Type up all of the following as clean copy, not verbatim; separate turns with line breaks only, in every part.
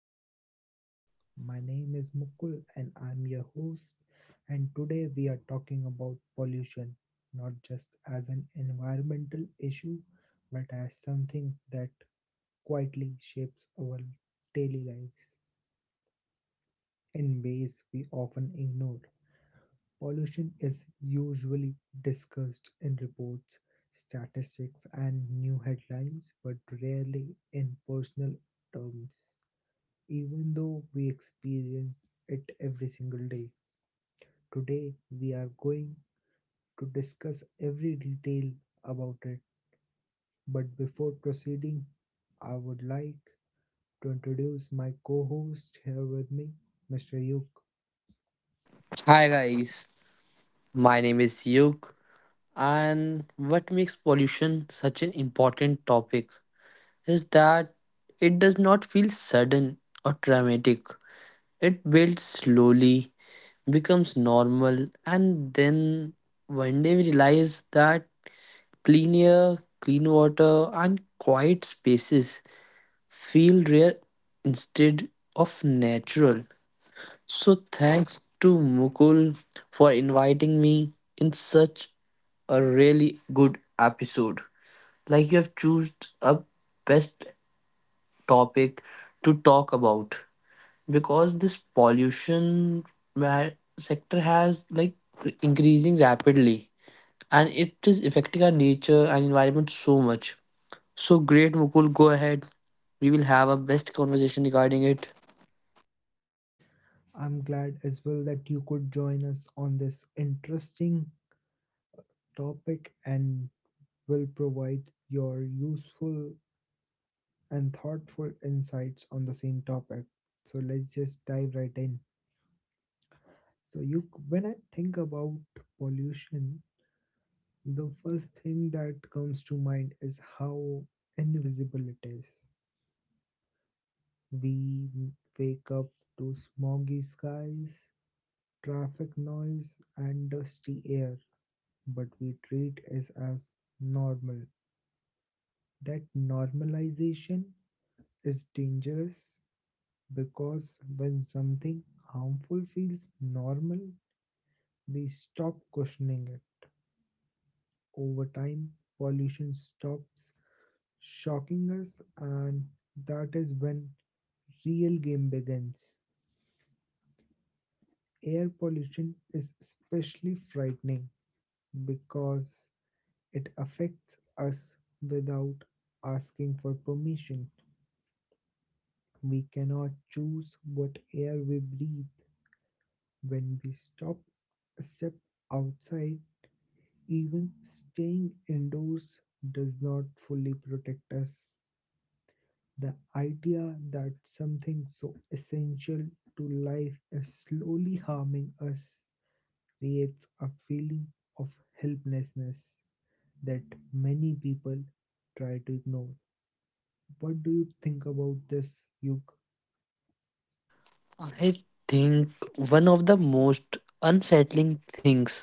to Office Hours. My name is Mukul and I'm your host. And today we are talking about pollution, not just as an environmental issue, but as something that quietly shapes our daily lives in ways we often ignore. Pollution is usually discussed in reports, statistics, and new headlines, but rarely in personal terms. Even though we experience it every single day. Today, we are going to discuss every detail about it. But before proceeding, I would like to introduce my co host here with me, Mr. Yuk.
Hi guys, my name is Yug, and what makes pollution such an important topic is that it does not feel sudden or dramatic. It builds slowly, becomes normal, and then one day we realize that clean air, clean water, and quiet spaces feel rare instead of natural. So thanks to Mukul for inviting me in such a really good episode. Like you have chosen a best topic to talk about because this pollution ma- sector has like increasing rapidly and it is affecting our nature and environment so much. So great Mukul, go ahead. We will have a best conversation regarding it.
I'm glad as well that you could join us on this interesting topic and will provide your useful and thoughtful insights on the same topic. So let's just dive right in. So you, when I think about pollution, the first thing that comes to mind is how invisible it is. We wake up to smoggy skies, traffic noise, and dusty air, but we treat it as normal. That normalization is dangerous because when something harmful feels normal, we stop questioning it. Over time, pollution stops shocking us, and that is when real game begins. Air pollution is especially frightening because it affects us without asking for permission. We cannot choose what air we breathe. When we stop a step outside, even staying indoors does not fully protect us. The idea that something so essential to life is slowly harming us creates a feeling of helplessness that many people try to ignore. What do you think about this, Yuk?
I think one of the most unsettling things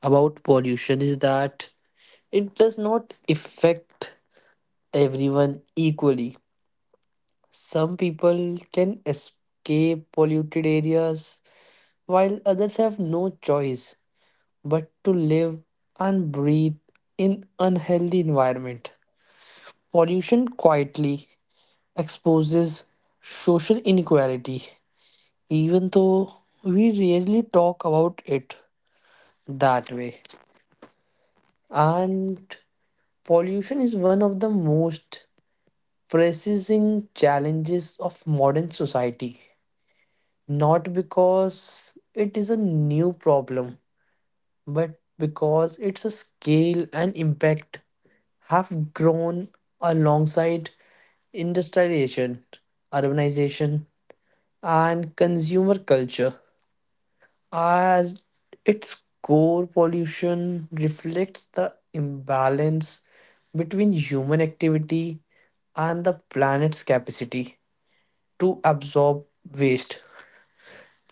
about pollution is that it does not affect everyone equally. Some people can escape polluted areas while others have no choice but to live and breathe in unhealthy environment. Pollution quietly exposes social inequality even though we rarely talk about it that way. And pollution is one of the most pressing challenges of modern society. Not because it is a new problem, but because its a scale and impact have grown alongside industrialization, urbanization, and consumer culture. As its core, pollution reflects the imbalance between human activity and the planet's capacity to absorb waste.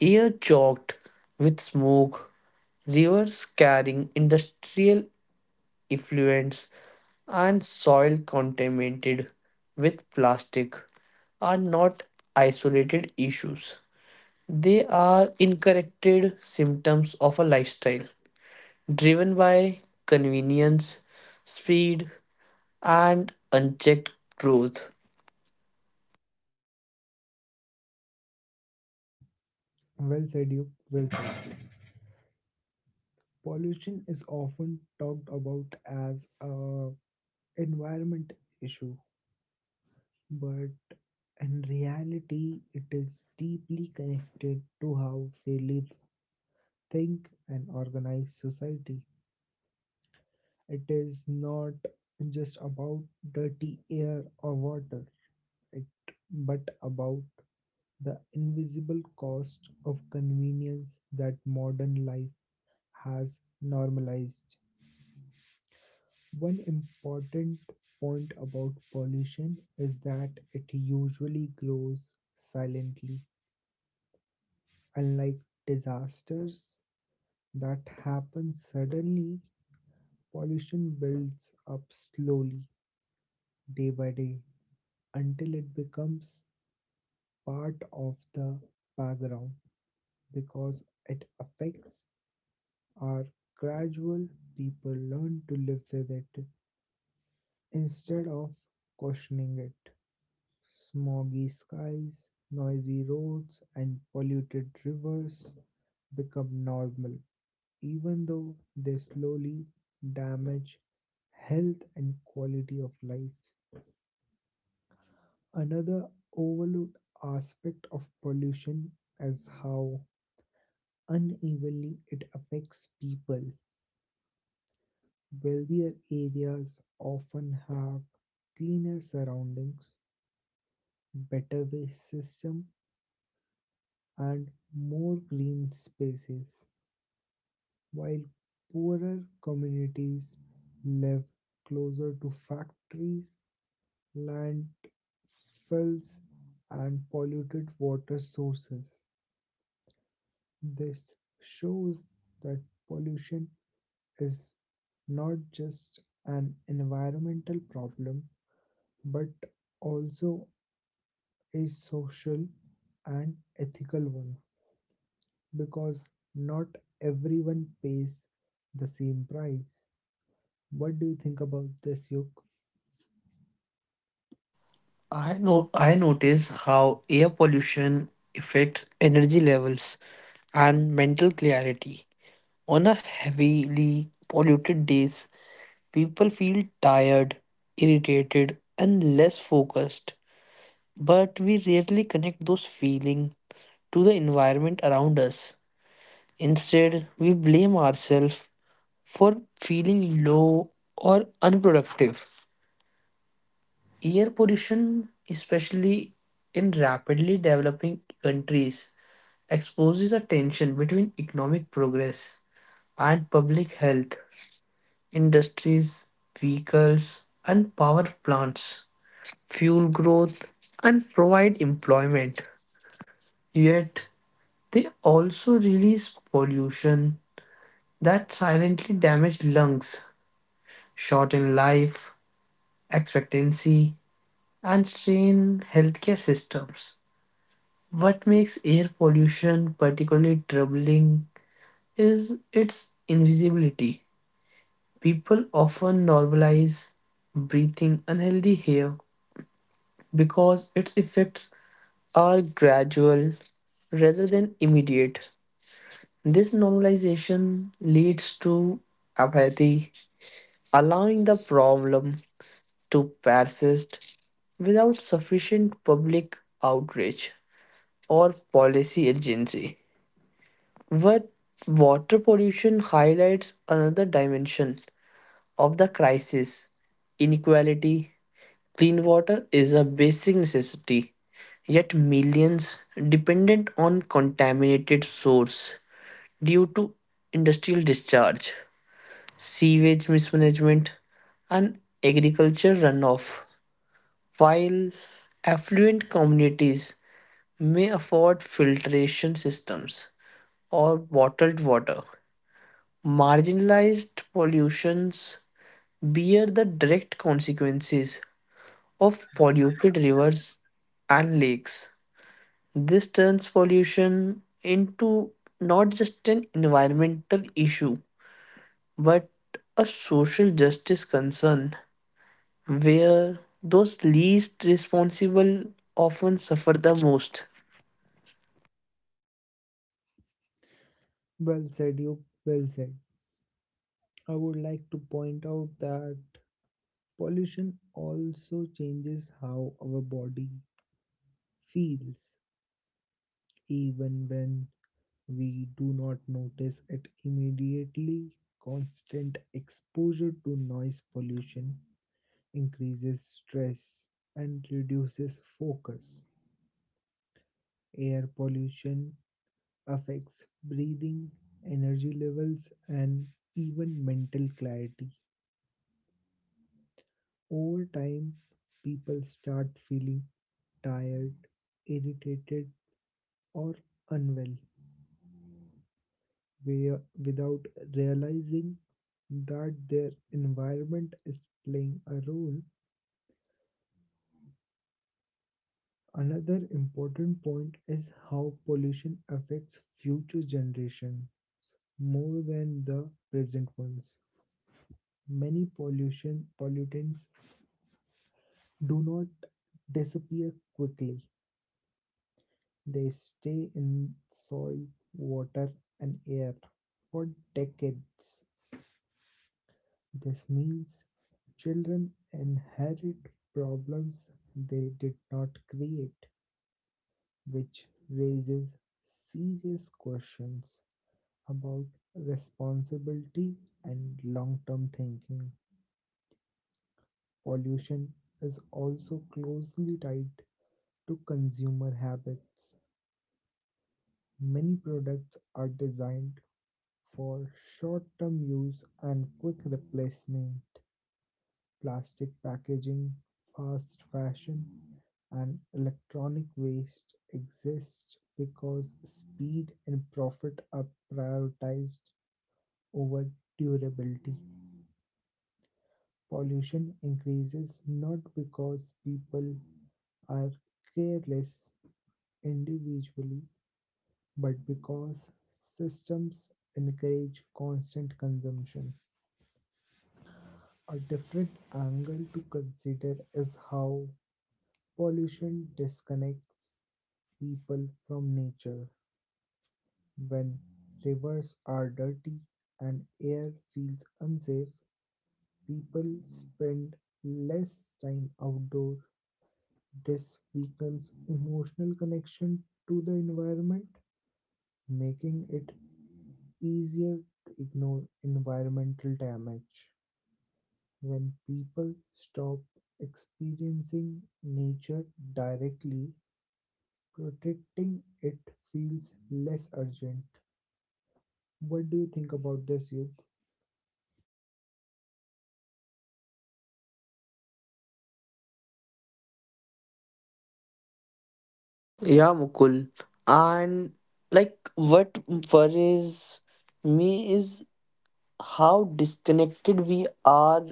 Air choked with smoke, rivers carrying industrial effluents, and soil contaminated with plastic are not isolated issues. They are incorrected symptoms of a lifestyle driven by convenience, speed, and unchecked growth.
Well said, Yuk. Well said. Pollution is often talked about as a environment issue, but in reality, it is deeply connected to how we live think and organize society. It is not just about dirty air or water, it, but about the invisible cost of convenience that modern life has normalized. One important point about pollution is that it usually grows silently, unlike disasters that happen suddenly. Pollution builds up slowly day by day until it becomes part of the background because it affects our gradual people learn to live with it instead of questioning it. Smoggy skies, noisy roads, and polluted rivers become normal, even though they slowly damage health and quality of life. Another overlooked aspect of pollution is how unevenly it affects people. Wealthier areas often have cleaner surroundings, better waste system, and more green spaces, while poorer communities live closer to factories, landfills, and polluted water sources. This shows that pollution is not just an environmental problem but also a social and ethical one because not everyone pays the same price. What do you think about this, Yuk?
I know I notice how air pollution affects energy levels and mental clarity. On a heavily polluted days, people feel tired, irritated, and less focused. But we rarely connect those feelings to the environment around us. Instead, we blame ourselves for feeling low or unproductive. Air pollution, especially in rapidly developing countries, exposes a tension between economic progress and public health. Industries, vehicles, and power plants fuel growth and provide employment. Yet, they also release pollution that silently damage lungs shorten life expectancy, and strain healthcare systems. What makes air pollution particularly troubling is its invisibility. People often normalize breathing unhealthy air because its effects are gradual rather than immediate. This normalization leads to apathy, allowing the problem to persist without sufficient public outrage or policy urgency. But water pollution highlights another dimension of the crisis inequality. Clean water is a basic necessity, yet, millions dependent on contaminated source due to industrial discharge, sewage mismanagement, and agriculture runoff. While affluent communities may afford filtration systems or bottled water. Marginalized pollutions bear the direct consequences of polluted rivers and lakes. This turns pollution into not just an environmental issue but a social justice concern where those least responsible often suffer the most.
Well said, Yuk. Well said. I would like to point out that pollution also changes how our body feels even when we do not notice it immediately. Constant exposure to noise pollution increases stress and reduces focus. Air pollution affects breathing, energy levels, and even mental clarity. Over time, people start feeling tired, irritated, or unwell. wi- without realizing that their environment is playing a role. Another important point is how pollution affects future generations more than the present ones. Many pollution pollutants do not disappear quickly. They stay in soil, water, and air for decades. This means children inherit problems they did not create, which raises serious questions about responsibility and long term thinking. Pollution is also closely tied to consumer habits. Many products are designed for short term use and quick replacement. Plastic packaging, fast fashion, and electronic waste exist because speed and profit are prioritized over durability. Pollution increases not because people are careless individually, but because systems encourage constant consumption. A different angle to consider is how pollution disconnects people from nature. When rivers are dirty and air feels unsafe, people spend less time outdoor. This weakens emotional connection to the environment, making it easier to ignore environmental damage. When people stop experiencing nature directly, protecting it feels less urgent. What do you think about this, Yug?
Yeah, Mukul. And like what worries me is how disconnected we are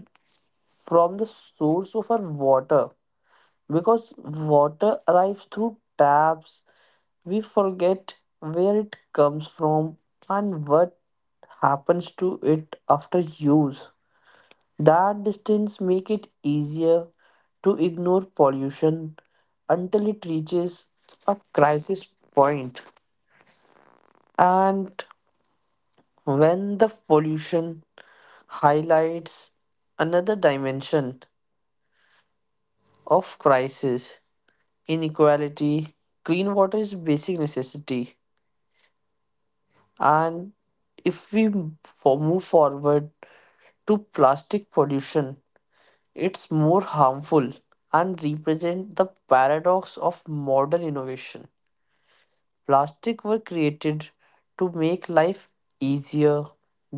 from the source of our water. Because water arrives through taps, we forget where it comes from and what happens to it after use. That distance make it easier to ignore pollution until it reaches a crisis point. And when the pollution highlights another dimension of crisis, inequality, clean water is basic necessity. And if we move forward to plastic pollution, it's more harmful and represent the paradox of modern innovation. Plastic were created to make life easier,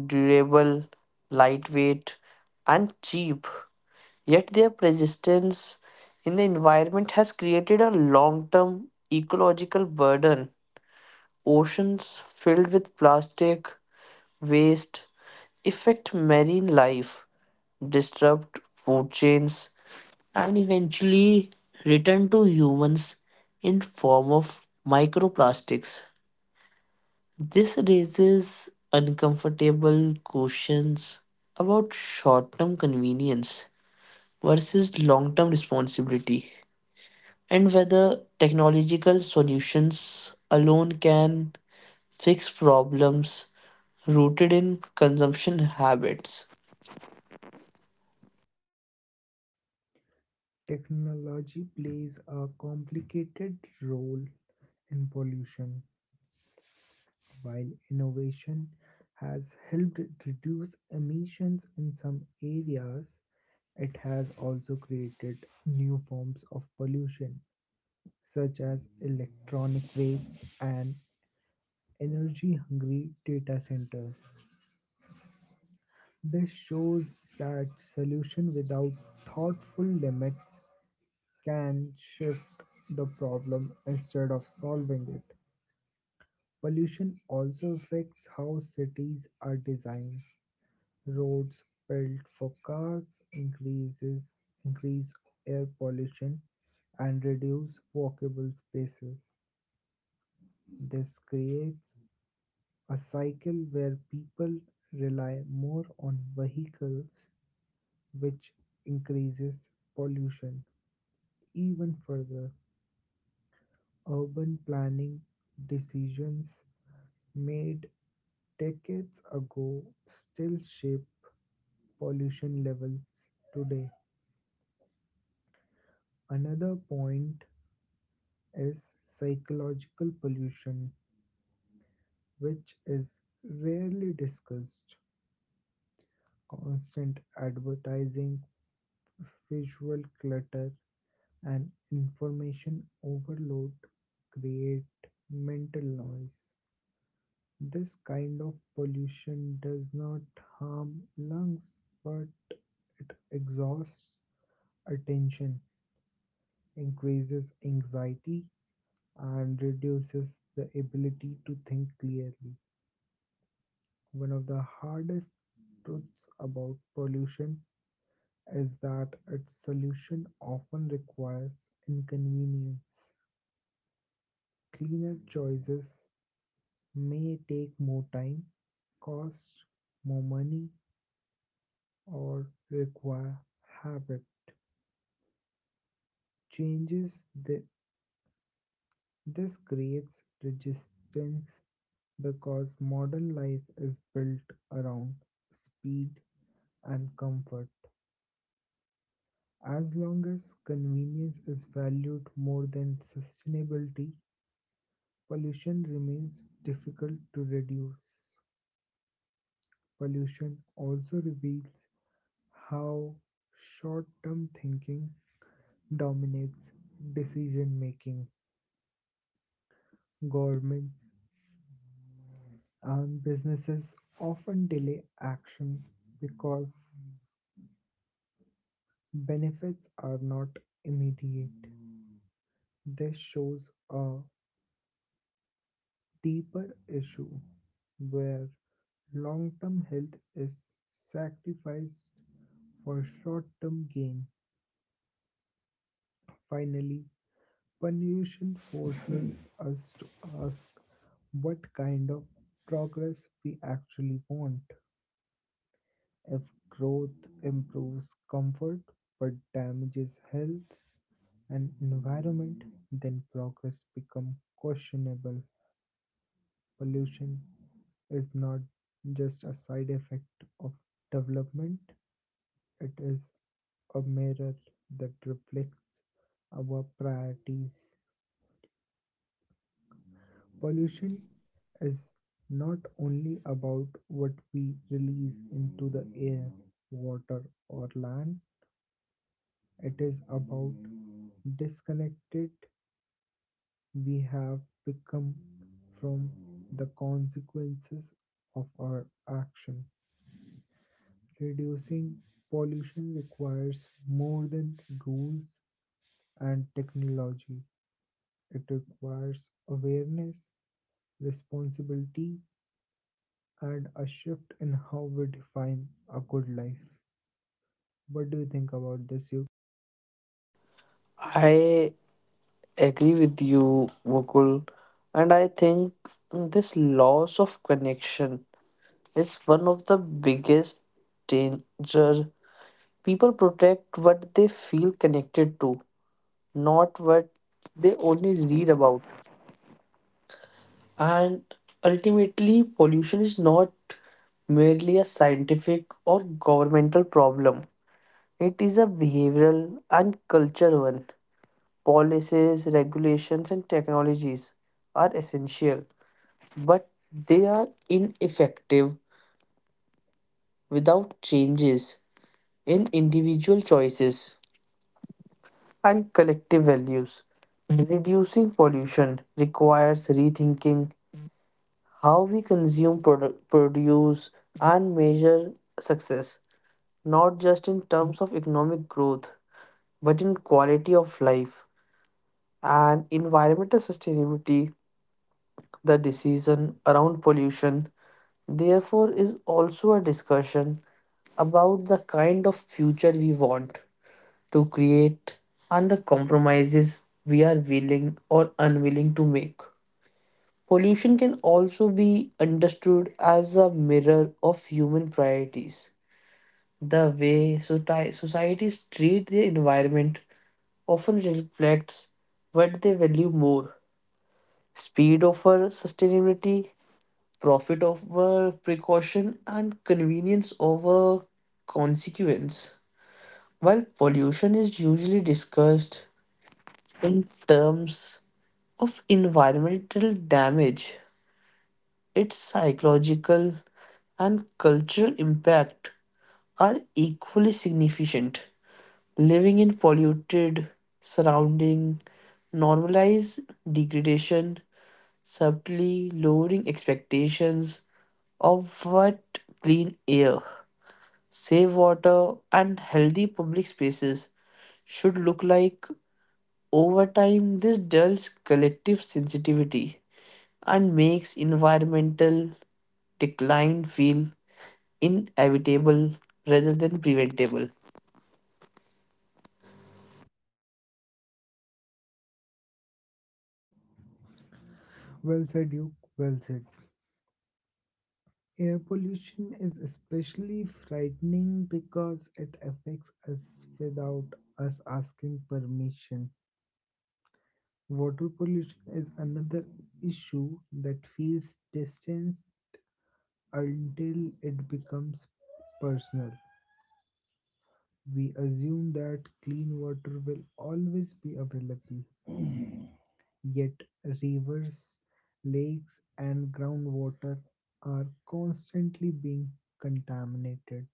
durable, lightweight, and cheap. Yet their persistence in the environment has created a long-term ecological burden. Oceans filled with plastic waste affect marine life, disrupt food chains, and eventually return to humans in form of microplastics. This raises uncomfortable questions about short term convenience versus long term responsibility and whether technological solutions alone can fix problems rooted in consumption habits.
Technology plays a complicated role in pollution, while innovation has helped reduce emissions in some areas. It has also created new forms of pollution, such as electronic waste and energy hungry data centers. This shows that solution without thoughtful limits can shift the problem instead of solving it. Pollution also affects how cities are designed. Roads built for cars increase air pollution and reduce walkable spaces. This creates a cycle where people rely more on vehicles, which increases pollution even further. Urban planning decisions made decades ago still shape pollution levels today. Another point is psychological pollution, which is rarely discussed. Constant advertising, visual clutter, and information overload create mental noise. This kind of pollution does not harm lungs but it exhausts attention, increases anxiety, and reduces the ability to think clearly. One of the hardest truths about pollution is that its solution often requires inconvenience. Cleaner choices may take more time, cost more money, or require habit changes. They This creates resistance because modern life is built around speed and comfort. As long as convenience is valued more than sustainability, pollution remains difficult to reduce. Pollution also reveals how short term thinking dominates decision making. Governments and businesses often delay action because benefits are not immediate. This shows a deeper issue where long term health is sacrificed for short term gain. Finally, pollution forces us to ask what kind of progress we actually want. If growth improves comfort but damages health and environment, then progress becomes questionable. Pollution is not just a side effect of development, it is a mirror that reflects our priorities. Pollution is not only about what we release into the air, water, or land, It is about disconnected we have become from the consequences of our action. Reducing pollution requires more than rules and technology. It requires awareness, responsibility, and a shift in how we define a good life. What do you think about this, you?
I agree with you, Mukul, and I think this loss of connection is one of the biggest danger. People protect what they feel connected to, not what they only read about. And ultimately, pollution is not merely a scientific or governmental problem. It is a behavioral and cultural one. Policies, regulations, and technologies are essential, but they are ineffective without changes in individual choices and collective values. Reducing pollution requires rethinking how we consume, produce, and measure success, not just in terms of economic growth, but in quality of life and environmental sustainability. The decision around pollution, therefore, is also a discussion about the kind of future we want to create and the compromises we are willing or unwilling to make. Pollution can also be understood as a mirror of human priorities. The way societies treat the environment often reflects what they value more, speed over sustainability, profit over precaution, and convenience over consequence. While pollution is usually discussed in terms of environmental damage, its psychological and cultural impact are equally significant. Living in polluted surrounding normalize degradation, subtly lowering expectations of what clean air, safe water, and healthy public spaces should look like. Over time, this dulls collective sensitivity and makes environmental decline feel inevitable rather than preventable.
Well said, you. Well said. Air pollution is especially frightening because it affects us without us asking permission. Water pollution is another issue that feels distance until it becomes personal. We assume that clean water will always be available, yet rivers, lakes, and groundwater are constantly being contaminated.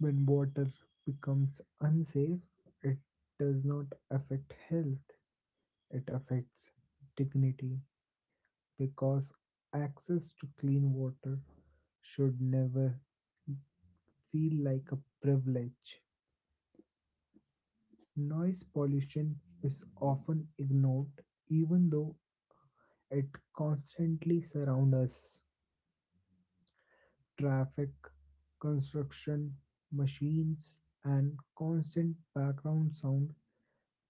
When water becomes unsafe, it does not affect health, it affects dignity because access to clean water should never feel like a privilege. Noise pollution is often ignored even though it constantly surrounds us. Traffic, construction, machines, and constant background sound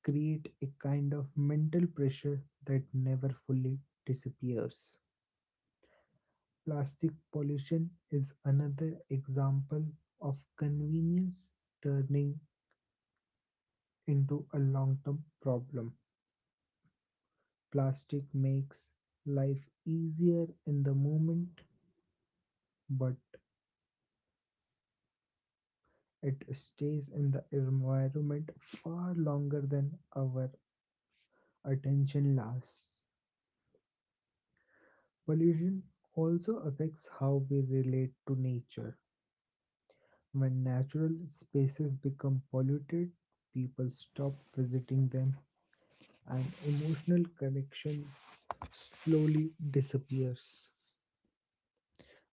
create a kind of mental pressure that never fully disappears. Plastic pollution is another example of convenience turning into a long term problem. Plastic makes life easier in the moment, but it stays in the environment far longer than our attention lasts. Pollution also affects how we relate to nature. When natural spaces become polluted, people stop visiting them and emotional connection slowly disappears.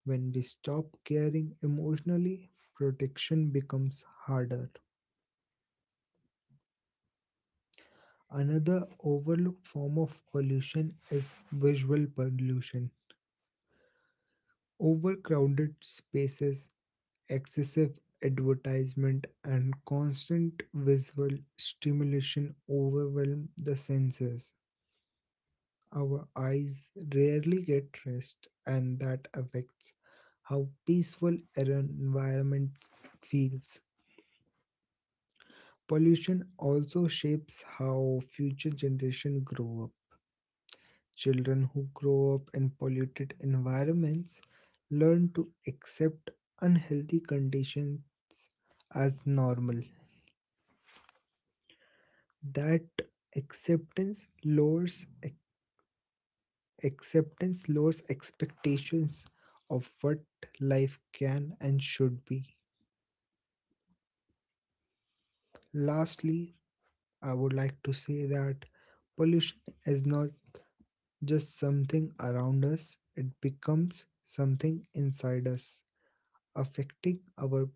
When we stop caring emotionally, protection becomes harder. Another overlooked form of pollution is visual pollution. Overcrowded spaces, excessive advertisement, and constant visual stimulation overwhelm the senses. Our eyes rarely get rest, and that affects how peaceful our environment feels. Pollution also shapes how future generations grow up. Children who grow up in polluted environments learn to accept unhealthy conditions as normal. That acceptance lowers acceptance lowers expectations of what life can and should be. Lastly, I would like to say that pollution is not just something around us, it becomes something inside us, affecting our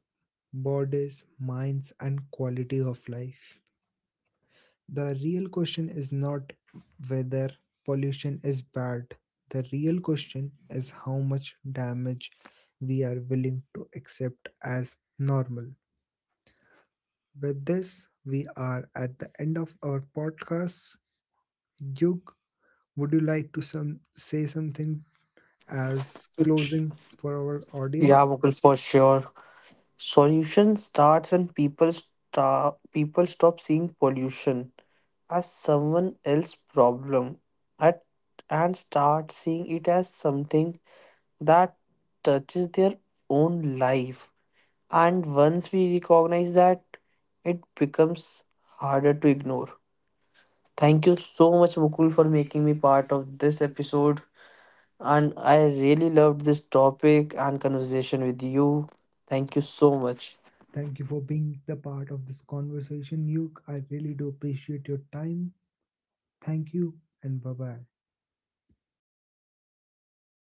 bodies, minds, and quality of life. The real question is not whether pollution is bad, the real question is how much damage we are willing to accept as normal. With this, we are at the end of our podcast. Yug, would you like to some say something as closing for our audience?
Yeah, Mukul, for sure. Solution starts when people stop seeing pollution as someone else's problem at, and start seeing it as something that touches their own life. And once we recognize that, it becomes harder to ignore. Thank you so much, Mukul, for making me part of this episode. And I really loved this topic and conversation with you. Thank you so much.
Thank you for being the part of this conversation, Yug. I really do appreciate your time. Thank you and bye bye.